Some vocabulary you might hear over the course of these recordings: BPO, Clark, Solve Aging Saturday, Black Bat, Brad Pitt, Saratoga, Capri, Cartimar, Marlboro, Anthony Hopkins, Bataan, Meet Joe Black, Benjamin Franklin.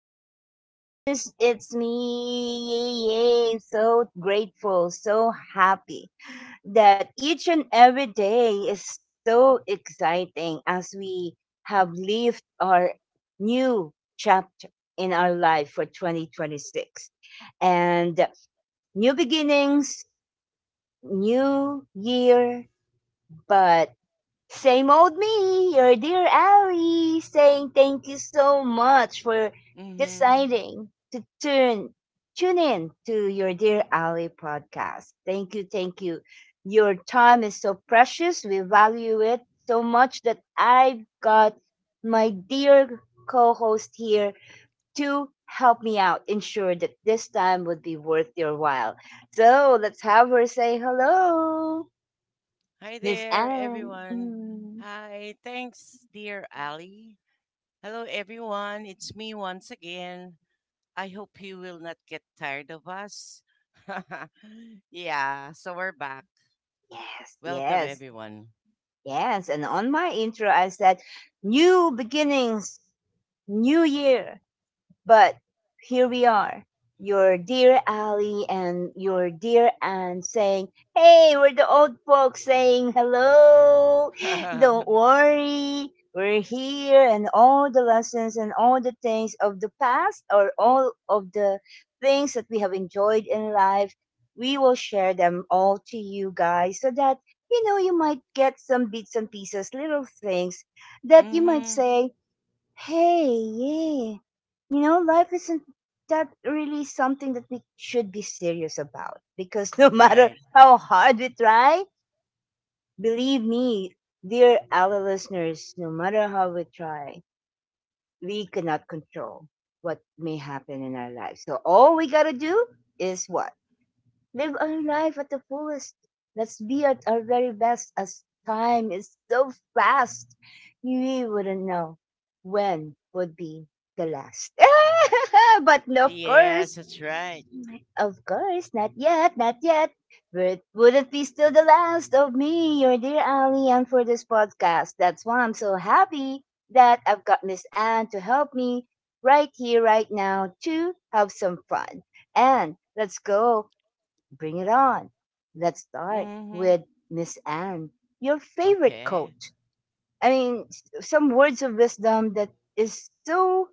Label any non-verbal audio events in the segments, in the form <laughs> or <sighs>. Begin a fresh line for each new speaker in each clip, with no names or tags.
our listeners. It's me. Yay, yay. So grateful, so happy that each and every day is so exciting as we have lived our new chapter in our life for 2026. And new beginnings, new year, but same old me, your dear Ali, saying thank you so much for
Mm-hmm.
deciding to turn tune in to your dear Ali podcast. Thank you, thank you. Your time is so precious. We value it so much that I've got my dear co-host here to help me out, ensure that this time would be worth your while. So let's have her say hello,
Hi
Miss
there,
Anne.
everyone.
Mm.
Hi. Thanks, dear Ali. Hello, everyone. It's me once again. I hope you will not get tired of us. <laughs> Yeah, so we're back.
Yes,
Welcome,
yes,
everyone.
yes. And on my intro, I said, new beginnings, new year, but here we are, your dear Ally and your dear Anne saying, hey, we're the old folks saying hello. Don't
<laughs>
worry. We're here, and all the lessons and all the things of the past, or all of the things that we have enjoyed in life, we will share them all to you guys so that you might get some bits and pieces, little things that you might
mm-hmm.
say, hey, yeah. Life isn't that really something that we should be serious about because no <laughs> matter
Right.
how hard we try, believe me, dear our listeners, no matter how we try, we cannot control what may happen in our lives. So all we gotta do is what? Live our life at the fullest. Let's be at our very best as time is so fast. We wouldn't know when would be the last. <laughs> But no, of
Yes,
course,
that's right.
of course, not yet, not yet. But would not be still the last of me, your dear Ali, and for this podcast? That's why I'm so happy that I've got Miss Anne to help me right here, right now to have some fun. And let's go. Bring it on. Let's start
Mm-hmm.
with Miss Anne, your favorite
Okay.
coach. I mean, some words of wisdom that is so,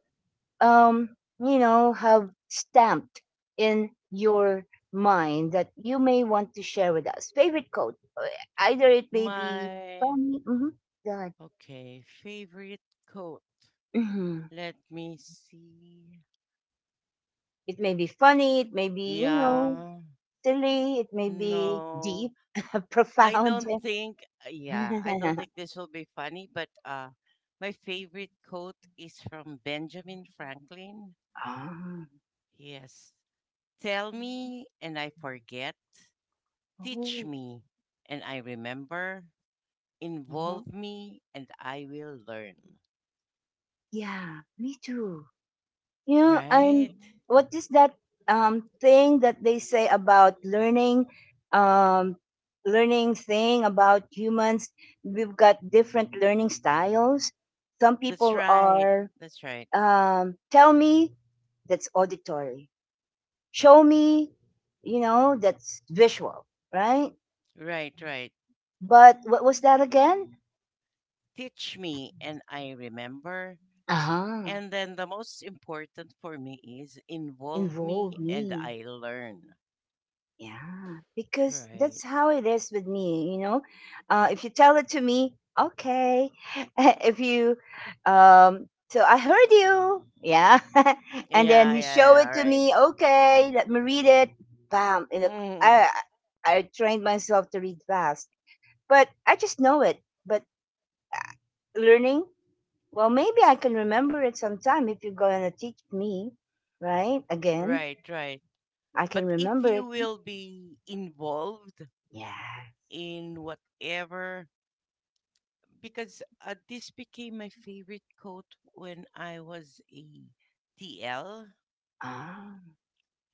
have stamped in your mind that you may want to share with us. Favorite quote, either it may be
My,
funny, mm-hmm, God,
okay, favorite coat.
hmm
Let me see.
it may be funny, it may be,
Yeah.
silly, it may be
No.
deep, <laughs>
I
profound.
don't think, yeah, I don't
<laughs>
think this will be funny, but my favorite quote is from Benjamin Franklin.
Ah,
Yes. Tell me and I forget. Teach
oh,
me and I remember.
uh-huh.
Involve me and I will learn.
Yeah, me too. I'm
Right?
what is that thing that they say about learning, um learning thing about humans? We've got different learning styles. Some
That's
people
right.
are
That's right.
tell me — that's auditory. Show me, that's visual, right?
Right, right.
But what was that again?
Teach me and I remember.
Uh huh.
And then the most important for me is involve
Involve
me and
me.
I learn.
Yeah, because that's
Right.
how it is with me. If you tell it to me, okay. <laughs> if you, so I heard you, yeah. <laughs> And then
Yeah, yeah,
you show
yeah,
it to
right.
me, okay. Let me read it. Bam. And look,
Mm,
I trained myself to read fast, but I just know it. But learning, well, maybe I can remember it sometime if you're gonna teach me, right? Again,
right, right.
I can
But if
remember
you
it.
<laughs> will be involved
Yeah.
in whatever, because this became my favorite quote when I was a TL.
Ah.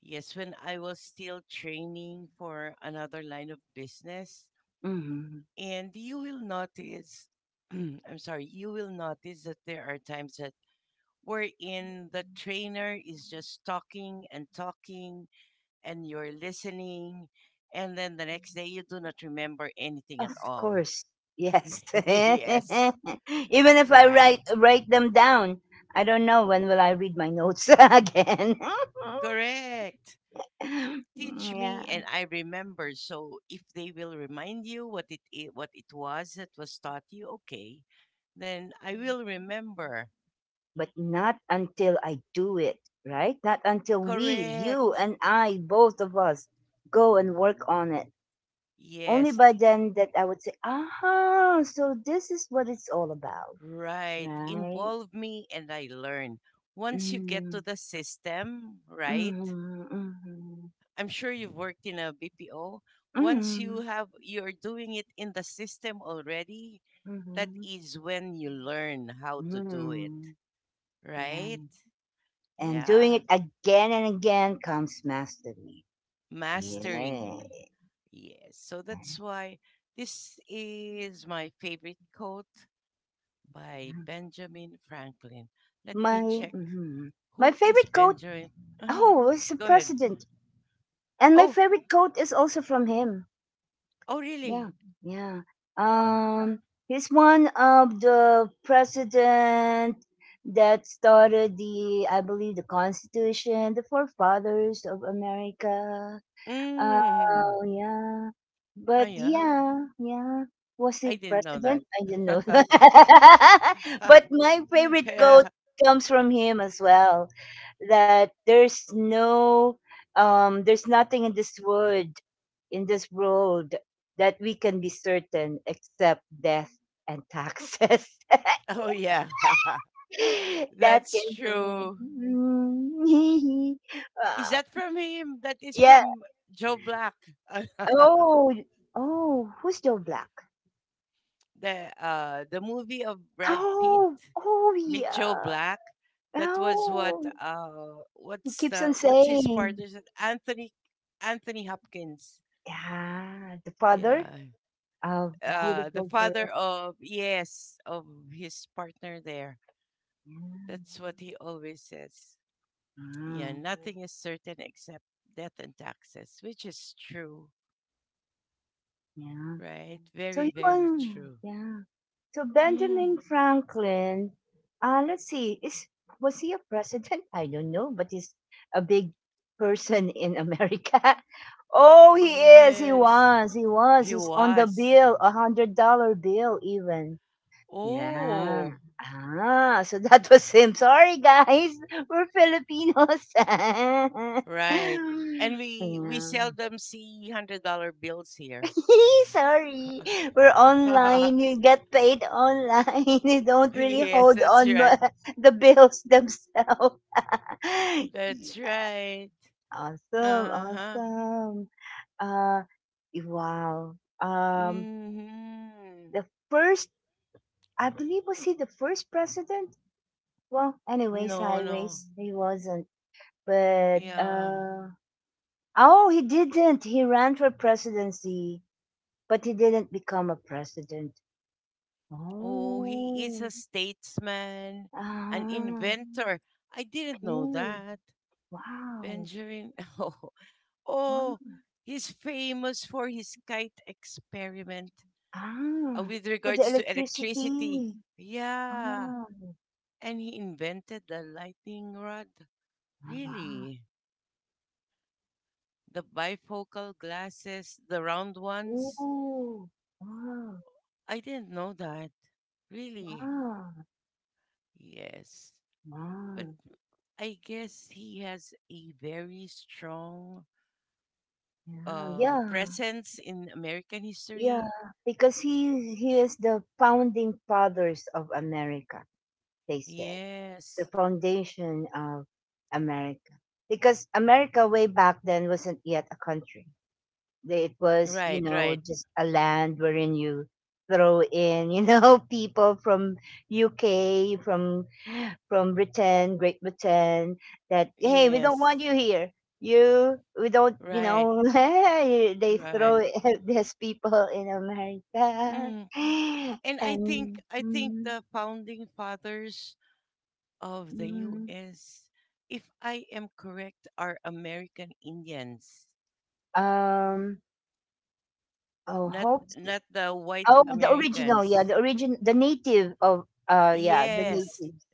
Yes, when I was still training for another line of business.
Hmm.
And you will notice, <clears throat> I'm sorry, you will notice that there are times that wherein the trainer is just talking and talking and you're listening, and then the next day you do not remember anything
Of
at all.
course. Yes. <laughs>
<laughs> yes,
Even if I
right?
write them down, I don't know when will I read my notes <laughs> again.
Correct.
<laughs>
Teach
Yeah.
me and I remember. So if they will remind you what it was that was taught you, okay, then I will remember.
But not until I do it, right? Not until we, you
Correct.
and I, both of us, go and work on it. Only
Yes,
by then that I would say, ah, so this is what it's all about,
right.
right?
Involve me and I learn. Once you get to
Mm,
the system, right?
mm, mm,
I'm sure you've worked in a BPO. Once you
mm,
have you're doing it in the system already, that
mm,
is when you learn how to do it,
mm.
right?
Yeah. And doing
Yeah,
it again and again comes mastery. Yes.
mastery. Yes. So that's why this is my favorite quote by
Yeah.
Benjamin Franklin. Let
My
me check
Mhm. My
who is
favorite quote,
Benjamin. Uh,
oh, it's the
Go ahead.
president. And my
Oh,
favorite quote is also from him.
oh
Yeah.
really?
Yeah. Um he's one of the president that started the, I believe, the constitution, the forefathers of America.
Mm.
Oh, yeah.
Oh
But
yeah.
yeah, yeah. Was
I
he
didn't know that.
president? I didn't know.
<laughs>
<laughs> But my
<laughs>
favorite quote
yeah.
comes from him as well. That there's no, There's nothing in this world, in this world, that we can be certain except death and taxes.
Oh, yeah.
<laughs>
<laughs>
That
That's
came from me.
true.
<laughs> Mm.
Is
Uh,
that from him? That is
yeah.
from Joe Black. <laughs>
Oh, oh. Who's Joe Black?
The movie of Brad Pitt,
Oh, oh,
Meet Joe
yeah.
Black. That was what
Oh,
uh
he
what's
keeps
the
on
what's his
saying,
partner? Is it Anthony Hopkins.
yeah, the father
Yeah.
of the
The
beautiful girl.
father of, yes, of his partner there.
Yeah,
That's what he always says. Yeah. Right.
mm,
Nothing is certain except death and taxes, which is true,
yeah.
right?
So
Very,
he
very
won.
true.
Yeah. So
Mm,
Benjamin Franklin, let's see, is was he a president? I don't know, but he's a big person in America. <laughs> Oh, he is. He
yes,
was.
he
He's on the
was.
bill, $100 bill even. Yeah.
Oh,
Ah, so that was him. Sorry, guys. We're Filipinos. <laughs>
right. And we
Yeah.
seldom see $100 bills here.
<laughs> Sorry. We're online.
<laughs>
You get paid online. <laughs> You don't really
yes,
hold
that's
on
right.
<laughs> the bills themselves. <laughs>
That's right.
Awesome.
Uh huh.
Awesome. Uh, wow.
Hmm.
The first, I believe, was he the first president? Well, anyway,
No, no.
sideways. He wasn't. But
Yeah.
oh, he didn't. He ran for presidency, but he didn't become a president.
Oh, he is a
Oh.
statesman, an
Ah.
inventor. I didn't know
Ooh.
that.
Wow.
Benjamin. <laughs> Oh,
Wow.
oh, he's famous for his kite experiment
Ah.
with
For the
regards to electricity.
electricity.
Yeah,
Ah.
and he invented the lightning rod.
Ah.
Really? The bifocal glasses, the round ones?
Ooh. Wow.
I didn't know that. Really?
Wow.
Yes. But
Wow.
I guess he has a very strong
Yeah. Yeah.
presence in American
Yeah,
history.
because he is the founding fathers of America, they said. The
Yes.
foundation of America. Because America way back then wasn't yet a country. It was,
Right, right.
just a land wherein you throw in, <laughs> people from UK, from Britain, Great Britain, that hey, we don't want
Yes.
you here. You, we don't, you
Right,
know, <laughs> they throw
right.
<laughs> these people in America,
Mm.
<sighs>
And I think
and
I think
mm,
the founding fathers of the
mm,
US, if I am correct, are American Indians,
um, oh,
not
hopes,
not the white
oh, the original, yeah,
Americans.
the origin, the native of, yeah, the
Yes,
natives,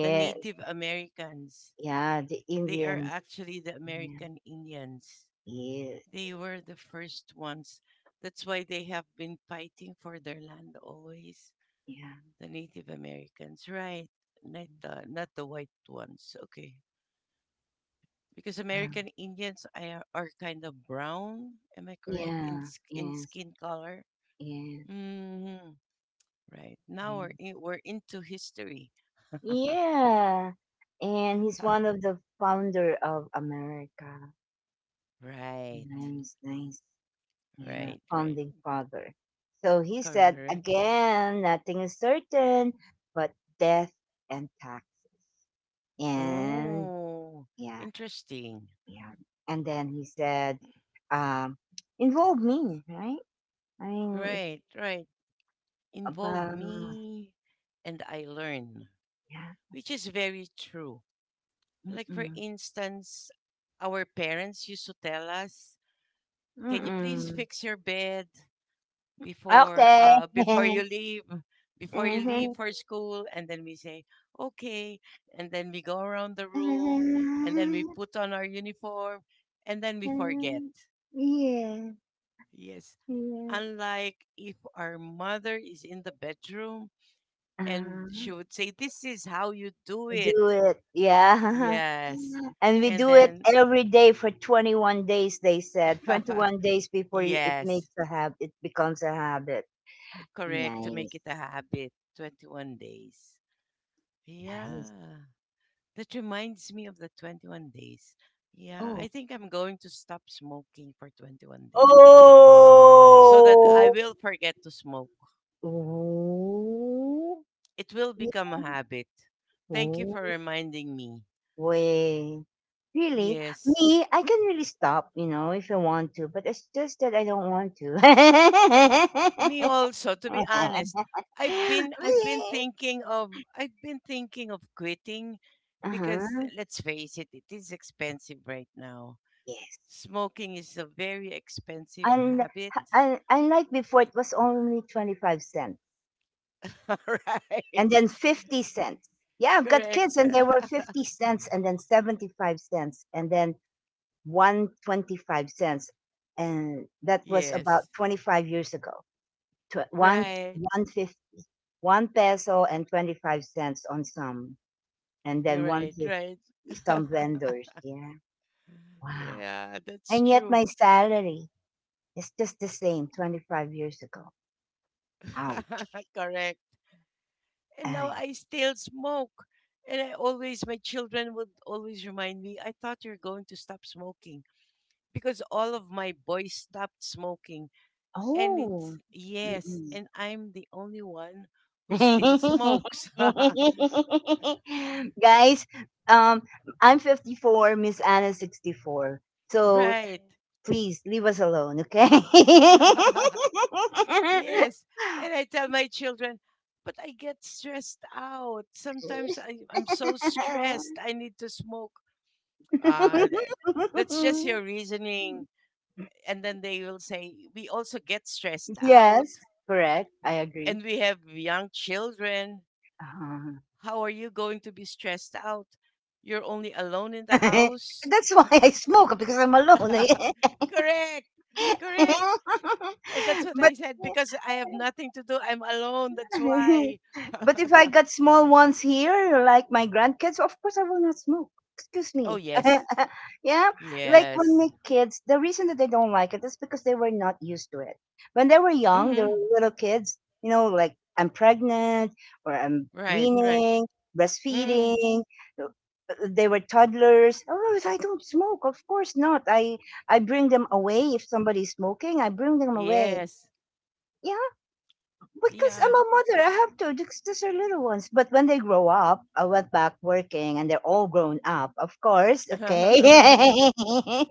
the Native Americans.
yeah, the
They are
Indians,
actually the
yeah,
American Indians.
yes,
They were the first ones. That's why they have been fighting for their land always.
yeah,
The Native Americans, right? Not the white ones. Okay, because American
wow,
Indians are kind of brown. Am I correct in
yeah,
in
yes,
skin color?
yes,
Hmm. Right. Now
yes.
we're into history. <laughs>
Yeah. And he's one of the founder of America.
right.
Nice, nice. Yeah,
Right. Right.
founding father. So he said,
Correct.
again, nothing is certain but death and taxes. And
Oh,
yeah,
interesting.
yeah. And then he said, um, involve me, right? I mean, it's
Right, right. Involve
about,
me and I learn,
yeah.
which is very true. Like, for
Mm-mm.
instance, our parents used to tell us, can you please
Mm-mm.
fix your bed before
Okay.
uh before you
<laughs>
leave before you leave for school, and then we say okay, and then we go around the room, and then we
Mhm. <laughs>
put on our uniform, and then we forget.
Um, yeah,
Yes.
yeah.
Unlike if our mother is in the bedroom
Uh,
and she would say, this is how you do
we
it.
do it. Yeah.
Yes.
<laughs> And we
And
do it
then,
every day for 21 days, they said. 21 days
<laughs>
before you, it
yes,
makes a habit, it becomes a habit.
correct, to make
Nice.
it a habit 21 days.
Nice.
Yeah. That reminds me of the 21 days. Yeah.
Oh.
I think I'm going to stop smoking for 21 days so that I
Oh.
will forget to smoke.
Oh.
It will become a habit. Thank you
Yeah.
for reminding me.
Way. Really,
Yes.
me, I can really stop, if I want to, but it's just that I don't want to.
Me
<laughs>
also, to be honest. I've been I've been
Really?
thinking of I've been thinking of quitting because
Uh-huh.
let's face it, it is expensive right now.
Yes.
Smoking is a very expensive
And,
habit.
and unlike before, it was only 25 cents
<laughs> right.
and then 50 cents. Yeah, I've got kids
Correct.
and they were 50
<laughs>
cents and then 75 cents and then 125 cents. And that was about
yes.
25 years ago. One,
Right.
150, 1 peso and 25 cents on some, and
You're
then
right,
150
right. <laughs>
some vendors. Yeah. Wow.
yeah, that's
And yet
true.
my salary is just the same 25 years ago.
<laughs>
Ouch.
Correct. And now
Ay.
I still smoke. And my children would always remind me, I thought you're going to stop smoking because all of my boys stopped smoking. And it's,
Oh.
yes,
Mm-mm.
and I'm the only one who still
<laughs>
smokes.
Guys, um, I'm 54, Miss Anna's 64.
<laughs>
So
right.
please leave us alone, okay?
<laughs> Yes. Yes. And I tell my children, but I get stressed out. Sometimes I'm so stressed, I need to smoke. Ah, th- that's just your
<laughs>
reasoning. And then they will say we also get stressed out
Yes, correct. I agree.
and we have young children.
uh
How are you going to be stressed out? You're only alone in the
<laughs>
house.
that's why I smoke because I'm alone.
<laughs> correct, correct.
<laughs>
And that's what I
But
said, because I have nothing to do, I'm alone, that's why.
<laughs> but
<laughs>
if I got small ones here, like my grandkids, of course I will not smoke. Excuse
oh
me.
yes,
<laughs> Yeah. Like when
yes.
my kids, the reason that they don't like it is because they were not used to it. When they were young, they
Hmm.
were little kids, like I'm pregnant or I'm
Right, right.
weaning,
Mm.
breastfeeding. uh, They were toddlers. Oh, I don't smoke. Of course not. I bring them away if somebody's smoking. I bring them away.
Yes.
Yeah. Because
Yeah.
I'm a mother, I have to. Because these are little ones. But when they grow up, I went back working, and they're all grown up, of course. Okay.
<laughs>
<laughs>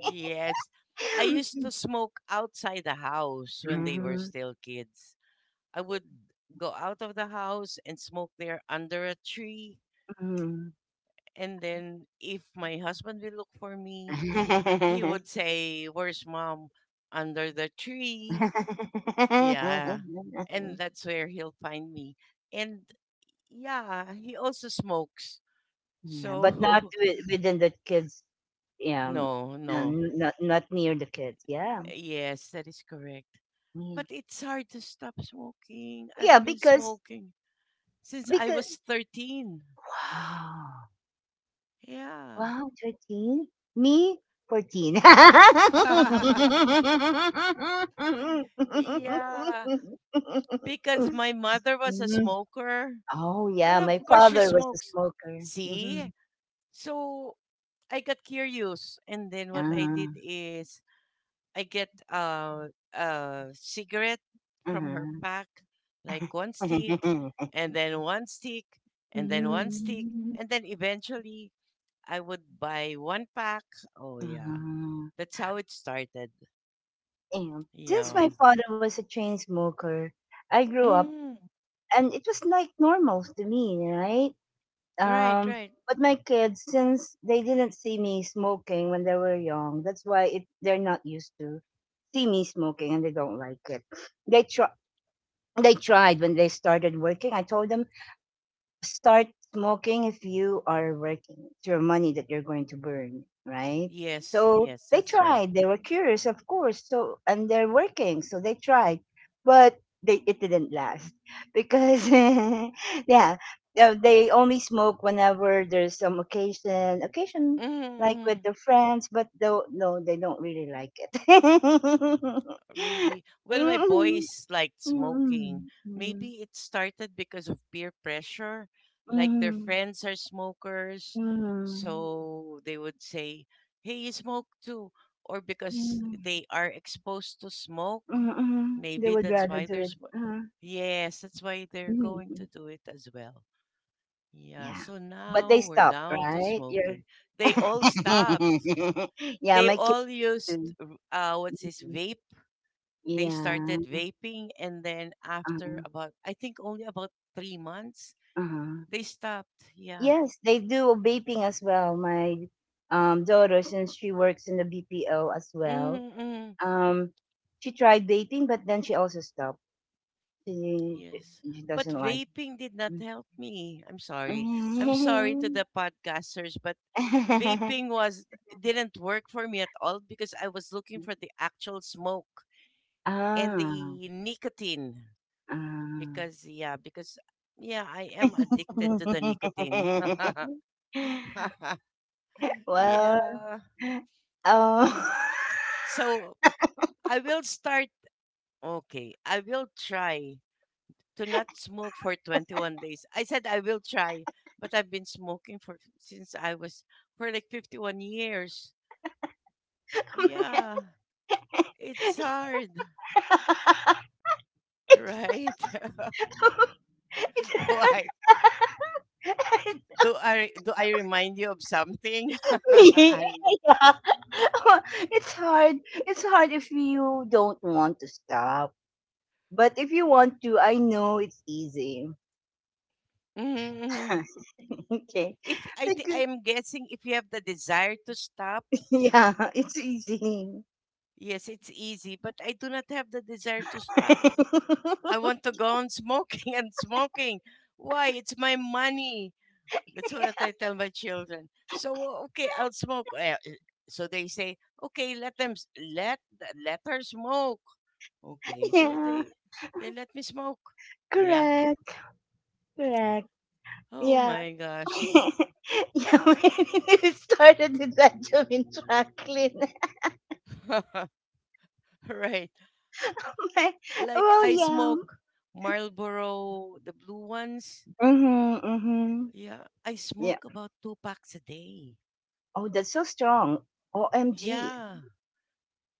Yes. I used to smoke outside the house when they were
Mhm,
still kids. I would go out of the house and smoke there under a tree.
mhm.
And then if my husband will look for me, he
<laughs>
would say, where's mom? Under the tree. Yeah. And that's where he'll find me. And yeah, he also smokes.
Yeah, but not
So,
within the kids.
<laughs>
Yeah,
no, no.
not near the kids. Yeah,
Yes, that is correct.
yeah,
But it's hard to stop smoking. I've
yeah.
been
Because
smoking since I
because
was 13.
wow.
Yeah.
Wow, 13? Me, 14.
<laughs> yeah. Because
<laughs>
my mother was a
Mm.
smoker.
Oh, yeah.
Well, of
My
course, she
father was a
smokes.
smoker.
See?
Mhm.
So I got curious. And then what I did
Ah,
is I get a cigarette from her
uh-huh.
pack, like one stick,
<laughs>
and then one stick, and then one stick,
Mm,
and then eventually I would buy one pack. Oh, yeah.
uh,
That's how it started.
and since
Yeah.
my father was a chain smoker, I grew up
Mm,
and it was like normal to me, right?
right,
Um,
right.
but my kids, since they didn't see me smoking when they were young, that's why they're not used to see me smoking and they don't like it. They try. They tried when they started working. I told them, start smoking if you are working. It's your money that you're going to burn, right?
Yes,
So
yes,
they
that's right.
tried. They were curious, of course. So and they're working, so they tried, but they it didn't last because <laughs> yeah, they only smoke whenever there's some occasion like with
Mhm.
their friends, but though no, they don't really like it. <laughs>
Really? Well, my
Mm,
boys liked
mm,
smoking.
mm,
Maybe it started because of peer pressure. Like their
mm,
friends are smokers,
mm, mm.
so they would say, "Hey, you smoke too," or because
Mm,
they are exposed to smoke.
mm, mhm. They
Maybe
would
that's
rather
why
do
they're
it.
smo-
Uh-huh.
Yes, that's why they're
Mhm,
going to
mhm.
do it as well. Yeah,
Yeah.
so
But
now
they
we're
stopped,
down to
right? You're
smoking. They all stopped.
<laughs> yeah,
They
my kids
all used
do.
what's this
Mhm.
vape, they
Yeah.
started vaping, and then after
Uh-huh.
about I think only about 3 months
Uh-huh.
they stopped. Yeah.
Yes, they do vaping as well. My daughter, since she works in the BPO as well,
Mm-mm.
um, she tried vaping, but then she also stopped. She
Yes.
she
But
doesn't like
vaping did not
it.
help me. I'm sorry. I'm sorry to the podcasters, but vaping
<laughs>
was didn't work for me at all because I was looking for the actual smoke and
Ah,
the nicotine
ah.
because yeah, I am addicted to the
<laughs>
nicotine. <laughs>
Well,
yeah.
um,
So I will start. Okay, I will try to not smoke for 21 days. I said I will try, but I've been smoking for since I was for like 51 years. Yeah,
<laughs>
it's hard,
it's, <laughs>
right? <laughs> Why
me, <laughs>
do I remind you of something, <laughs> Ali?
yeah. <laughs> It's hard. It's hard if you don't want to stop. But if you want to, I know it's easy.
Mm-hmm. Mm-hmm.
<laughs> Okay,
If I th-
because
I'm guessing if you have the desire to stop,
yeah, it's easy.
yes, it's easy. But I do not have the desire to stop. I want to
<laughs>
go on smoking <laughs> and smoking. Why? It's my money. That's what I tell my children. So, "Oh, okay, I'll smoke. Eh, eh," so they say, okay, let them s- let th- let her smoke. Okay, so
Yeah,
they let me smoke. Yeah.
correct, correct.
Oh
Yeah.
my gosh.
<laughs> Yeah, <laughs> when it started with Benjamin Franklin.
<laughs> right.
<laughs>
Like
Well,
I
yeah.
smoke Marlboro, the blue ones.
Mm-hmm, mm-hmm.
Yeah, I
Yeah.
smoke about two packs a day.
Oh, that's so strong. OMG.
Yeah,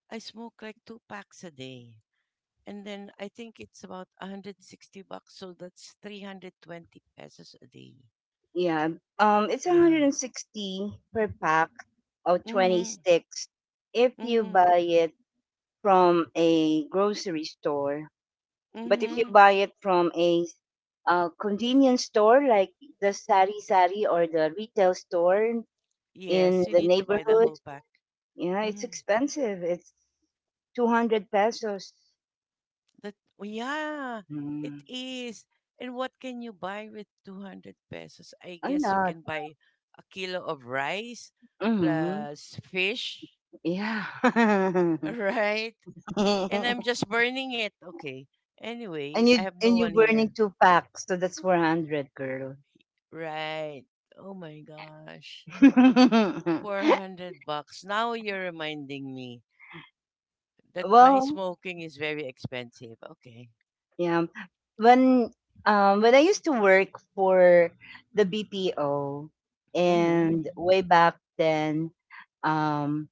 I smoke like two packs a day. And then I think it's about 160 bucks, so that's 320 pesos a day.
Yeah. It's
Yeah.
160 per pack of 20
Mhm.
sticks if you
Mhm.
buy it from a grocery store. But if you
Mhm.
buy it from a convenience store like the Sari Sari or the retail store in
Yes, you
the
need to buy the
neighborhood,
whole pack.
yeah, it's
Mhm.
expensive. It's 200 pesos.
That Oh, yeah, it
Mm,
is. And what can you buy with 200 pesos? I
a
guess you
lot.
can buy a kilo of rice
Hmm.
plus fish,
Yeah.
<laughs>
<laughs>
right? And I'm just burning it. Okay. Anyway,
and
I
you
have no
and
one
you're
here.
burning two packs, so that's 400, girl.
Right. Oh my gosh.
<laughs>
400 bucks. Now you're reminding me that my
Well,
smoking is very expensive. Okay.
yeah. When when I used to work for the BPO
Mhm.
and way back then, um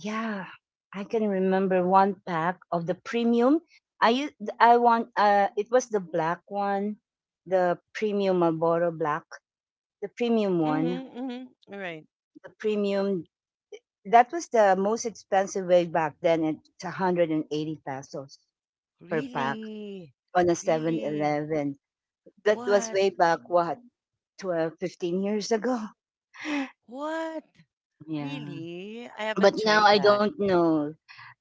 yeah, I can remember one pack of the premium. I used, I want it was the black one, the premium Marlboro black, the premium one,
Mhm. Mhm. All right.
the premium that was the most expensive way back then. It's 180 pesos per pack
Really?
on a Seven
Really?
Eleven. That
What?
was way back what, 12, 15 years ago.
What?
Yeah.
Really? I haven't
But
tried
now I
that.
don't know.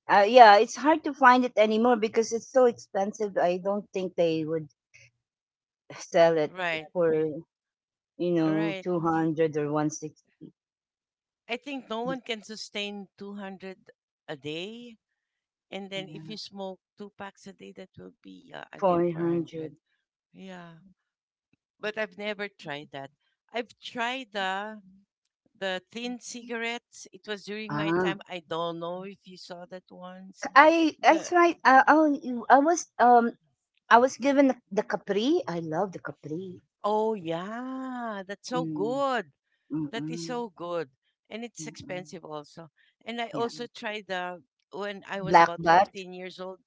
Yeah, it's hard to find it anymore because it's so expensive. I don't think they would sell it
Right.
for you know
Right.
200 or one six
I think no one can sustain 200 a day, and then if you smoke two packs a day that will be, yeah,
four
again 400.
hundred.
Yeah. But I've never tried that. I've tried the thin cigarettes. It was during my
ah
time. I don't know if you saw that
c-
once.
i I
The
tried oh i w- I was um I was given the capri. I love the capri.
Oh yeah, that's so
Mm,
good. That is
mm-mm,
so good, and it's
mm-mm.
expensive also. And I
Yeah,
also tried the when I was
black
about
bat.
15 years old.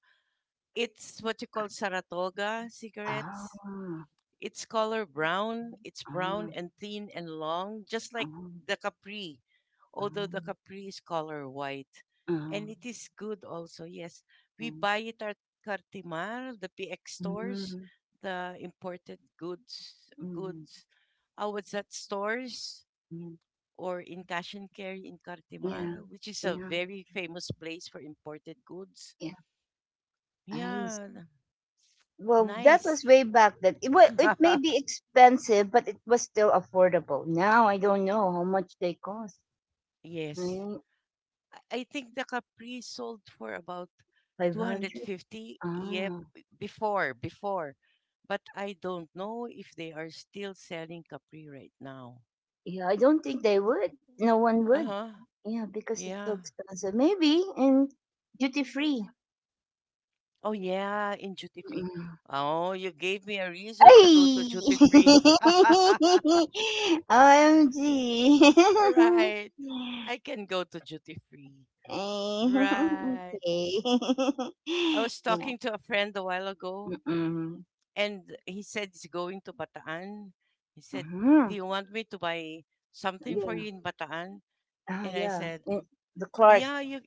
It's what you call Saratoga
Ah,
cigarettes.
ah,
It's color brown. It's brown
ah,
and thin and long, just like
ah,
the Capri. Although
ah,
the Capri is color white, and it is good also. Yes, we buy
ah,
it at Cartimar, the PX stores,
mm,
the imported goods
mm,
goods uh, was that stores,
mm.
or in Cash and Carry in Cartimar,
Yeah,
which is a
yeah,
very famous place for imported goods.
yeah, I
Yeah.
well, that was
Nice.
way back then.
<laughs>
It may be expensive, but it was still affordable. Now I don't know how much they cost.
yes. I think the Capri sold for about
500.
250, yeah,
Ah,
before, but I don't know if they are still selling Capri right now.
yeah. I don't think they would. No one would.
Uh-huh.
Yeah, because it's so
Yeah.
expensive. Maybe in duty free.
Oh yeah, in duty free.
Mm.
Oh, you gave me a reason to go to
Ay!
duty free. <laughs>
<laughs> OMG.
right. I can go to duty free.
Ay, <laughs> <laughs>
Right.
okay. <laughs>
I was
Yeah.
talking to a friend a while ago,
Mm-mm.
and he said he's going to Bataan. He said, "Do
Mm-hmm.
you want me to buy something for you
Yeah.
in Bataan?"
Ah,
And I
yeah.
said,
Mm, the Clark
"Yeah, you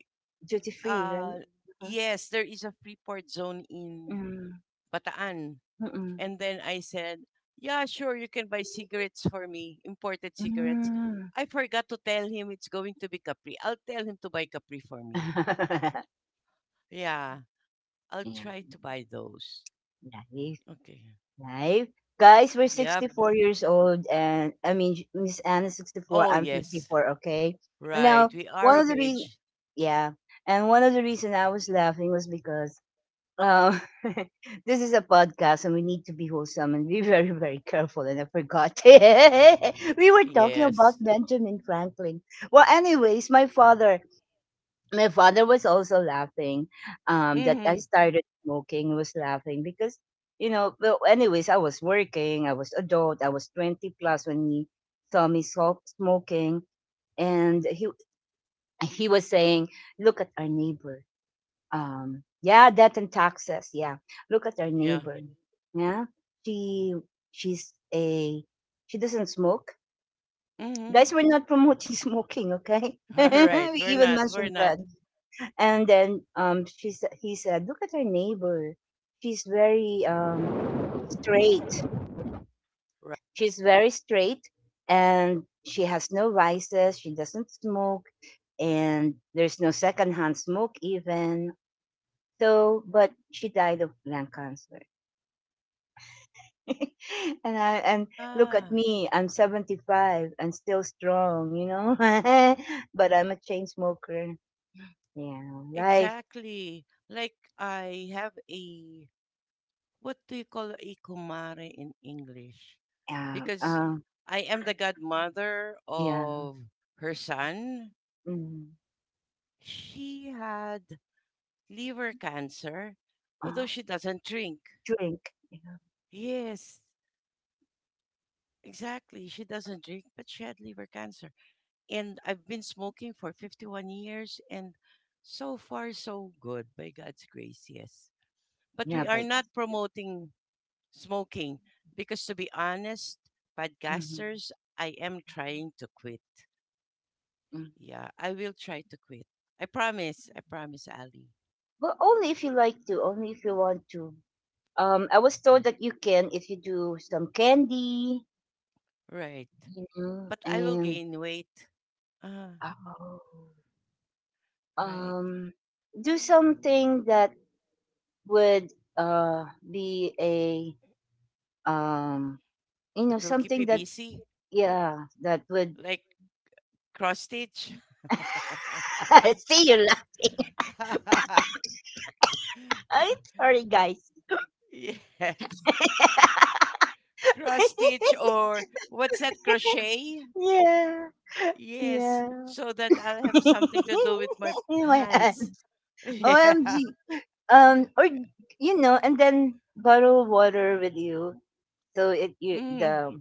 duty free, right?
uh
Uh-huh.
yes, there is a free port zone in
Mm,
Bataan."
mm-mm.
And then I said, "Yeah, sure, you can buy cigarettes for me, imported cigarettes."
Mm.
I forgot to tell him it's going to be Capri. I'll tell him to buy Capri for me.
<laughs>
Yeah, I'll
Yeah,
try to buy those.
life,
Okay.
life. Guys, we're
Yep.
64 years old, and I mean, J- Miss Anne 64,
Oh,
I'm
yes.
54, okay? Now,
Right. We are
one of
of
the reasons,
age.
yeah, and one of the reason I was laughing was because Uh, <laughs> this is a podcast and we need to be wholesome and be <laughs> very, very careful. And I forgot. <laughs> We were talking about
Yes.
Benjamin Franklin. Well, anyways, my father was also laughing that I
Mm-hmm.
started smoking. He was laughing because, you know, well, anyways, I was working, I was adult, I was 20 plus when he saw me smoking. And he was saying, look at our neighbor. Yeah, debt and taxes, yeah, look at our
Yeah.
neighbor, yeah, she she's a she doesn't smoke.
Mm-hmm.
Guys, we're not promoting <laughs> smoking, okay. <laughs>
<laughs> All right.
We
We're
even
not. We're
mentioned
not.
bread. And then he said, look at our neighbor, she's very straight,
Right.
she's very straight, and she has no vices, she doesn't smoke, and there's no secondhand smoke even, so but she died of lung cancer. <laughs> And look
Yeah.
at me, I'm 75 and still strong, you know. <laughs> But I'm a chain smoker. Yeah, life.
Exactly. Like, I have a, what do you call a kumare in English?
Yeah,
Because I am the godmother
yeah.
of her son.
Mm,
She had liver cancer, although
uh,
she doesn't drink.
drink. Yeah,
Yes, exactly. She doesn't drink, but she had liver cancer. And I've been smoking for 51 years, and so far so good by God's grace, yes. But we
yeah
are
like.
not promoting smoking because, to be honest,
Mm-hmm,
podcasters, I am trying to quit.
mm.
Yeah, I will try to quit. I promise, Ali.
But only if you like to. Only if you want to. I was told that you can if you do some candy,
Right.
you know,
But I will
and
gain weight. Ah,
oh,
right.
um, do something that would be a um you know
That will keep
something
me
that
busy
yeah that would.
like cross stitch.
<laughs> I see you laughing.
<laughs>
<laughs> I'm sorry, guys.
<laughs> yes. Cross stitch,
<laughs>
or what's that, crochet?
Yeah,
Yes,
yeah.
so that I'll have something to do with my
<laughs> In my
hands.
hand.
<laughs>
OMG.
yeah.
Or you know and then bottle water with you so it you
Mm.
the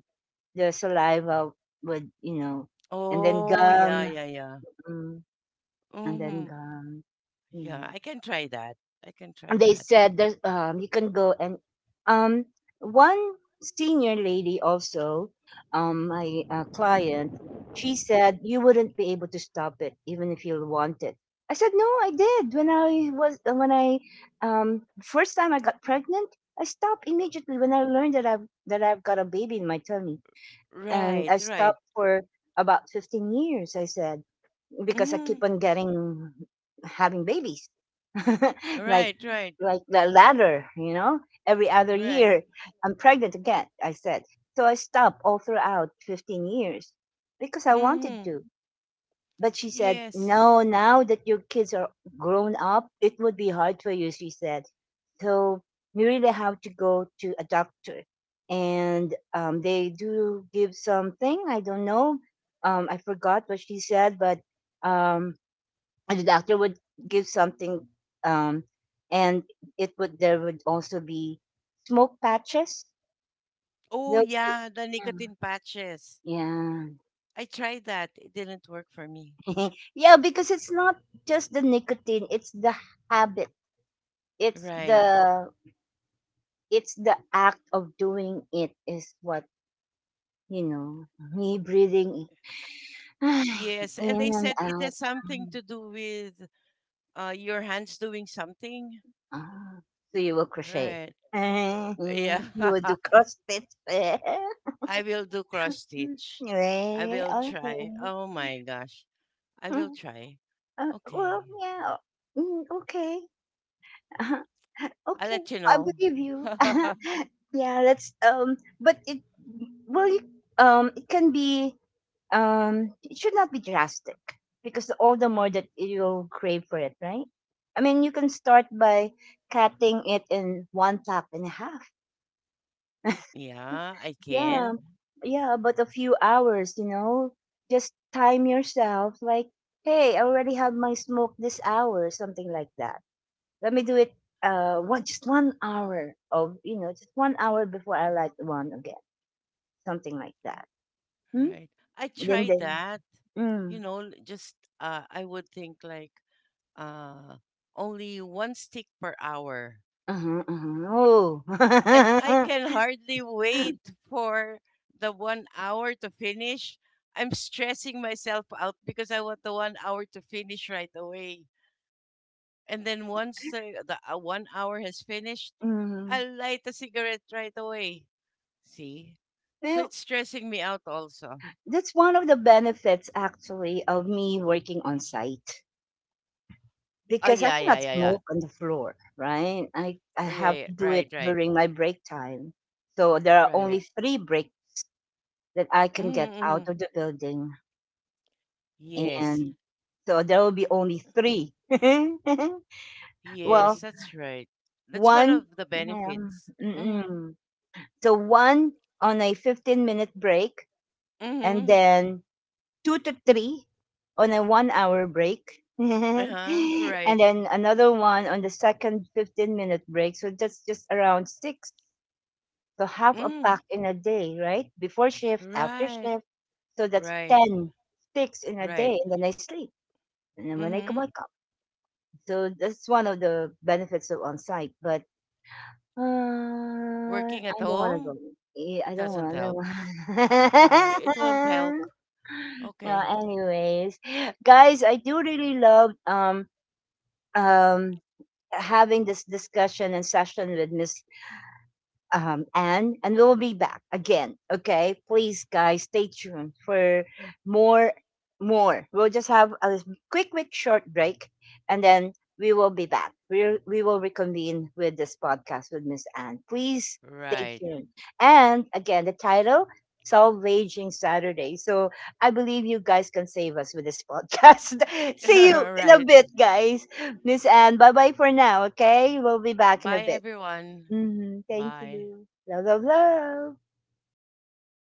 the saliva would, you know, and then
Oh yeah,
gum.
yeah, yeah.
Mm, and then
Hmm.
gum, yeah.
Yeah, I can try that. I can try
They
that.
said that you can go and um, one senior lady also, my client, she said you wouldn't be able to stop it even if you wanted. I said no, I did when I was when I first time I got pregnant, I stopped immediately when I learned that I've got a baby in my tummy. And I
Right, right.
stopped for about 15 years. I said, because I keep
Hmm.
on getting, having babies, <laughs> like
Right, right,
like the ladder, you know. Every other
right.
year, I'm pregnant again. I said so. I stopped all throughout 15 years because I wanted
Hmm.
to. But she said,
Yes.
"No, now that your kids are grown up, it would be hard for you." She said, "So you really have to go to a doctor, and they do give something. I don't know. I forgot what she said, but." um and the doctor would give something, um and it would, there would also be smoke patches.
Oh
There'll be-
yeah, the nicotine patches.
yeah,
I tried that, it didn't work for me.
yeah. <laughs> Yeah, because it's not just the nicotine, it's the habit, it's
Right.
the it's the act of doing it is what, you know, me breathing <sighs> in
Yes. And they
and
said it
out.
has something
Mm.
to do with your hands doing something.
Ah, so you will crochet.
Right.
<laughs>
Yeah.
You will do
<laughs>
crossfit. <laughs>
I will do cross
Mm,
stitch. I
right,
will try.
okay.
Oh my gosh. I will
Mm,
try. Okay.
well, yeah. Mm, okay. <laughs>
I'll
Okay,
let you
I
know.
believe you.
<laughs>
<laughs> Yeah, that's but it, well you, it can be it should not be drastic because all the more that you'll crave for it, right? I mean, you can start by cutting it in one cup and a half.
yeah, I
Yeah,
can.
yeah, but a few hours, you know, just time yourself like, hey, I already have my smoke this hour, something like that. Let me do it 1 hour of, you know, just 1 hour before I light one again, something like that. Hmm?
Right. I
Then
tried
then
that.
mm,
Just, I would think like uh, only one stick per hour.
uh-huh,
And
uh-huh.
I
Oh.
can hardly wait for the one hour to finish. I'm stressing myself out because I want the one hour to finish right away. And then once the one hour has finished,
<laughs> Mm.
I'll light a cigarette right away. See? So
Well,
it's stressing me out also.
that's one of the benefits actually of me working on site,
Oh,
because I
yeah, yeah,
cannot
yeah, yeah.
smoke on the floor, right? I
Yeah,
have
yeah,
to do
right,
it
right,
during my break time. So there are
right.
only three breaks that I can get
Mm-hmm,
out
mm-hmm.
of the building.
Yes,
And so there will be only three. <laughs>
yes,
Well,
that's right. That's one of
one,
the benefits. Mm-hmm,
mm-mm. So one on a 15-minute break, and
mm-hmm.
then two to three on a 1 hour break. <laughs> And
Uh-huh, right.
then another one on the second 15-minute break. So that's just around six. So half a
Mm,
pack in a day, right? Before shift, after
right,
shift. So that's
right,
10 sticks in a
right.
day. And then I sleep. And then when I come
Mm-hmm.
wake up. So that's one of the benefits of on site. But
Working
I
at
don't want to go.
home,
Eh, I
it
don't
doesn't
want
help. Yeah, it won't help.
to. <laughs> No,
Okay,
anyways, guys, I do really love um having this discussion and session with Miss Anne, and we'll be back again. Okay, please, guys, stay tuned for more. More. We'll just have a quick, short break, and then we will be back. We will reconvene with this podcast with Miss Anne. Please stay
right,
tuned. And again, the title: Solve Aging Saturday. So I believe you guys can save us with this podcast. <laughs> See you in a
<laughs> right.
bit, guys. Miss Anne, bye bye for now. Okay, we'll be back in a
Bye,
bit.
everyone.
Mhm. Thank
Bye.
you. Love, love, love.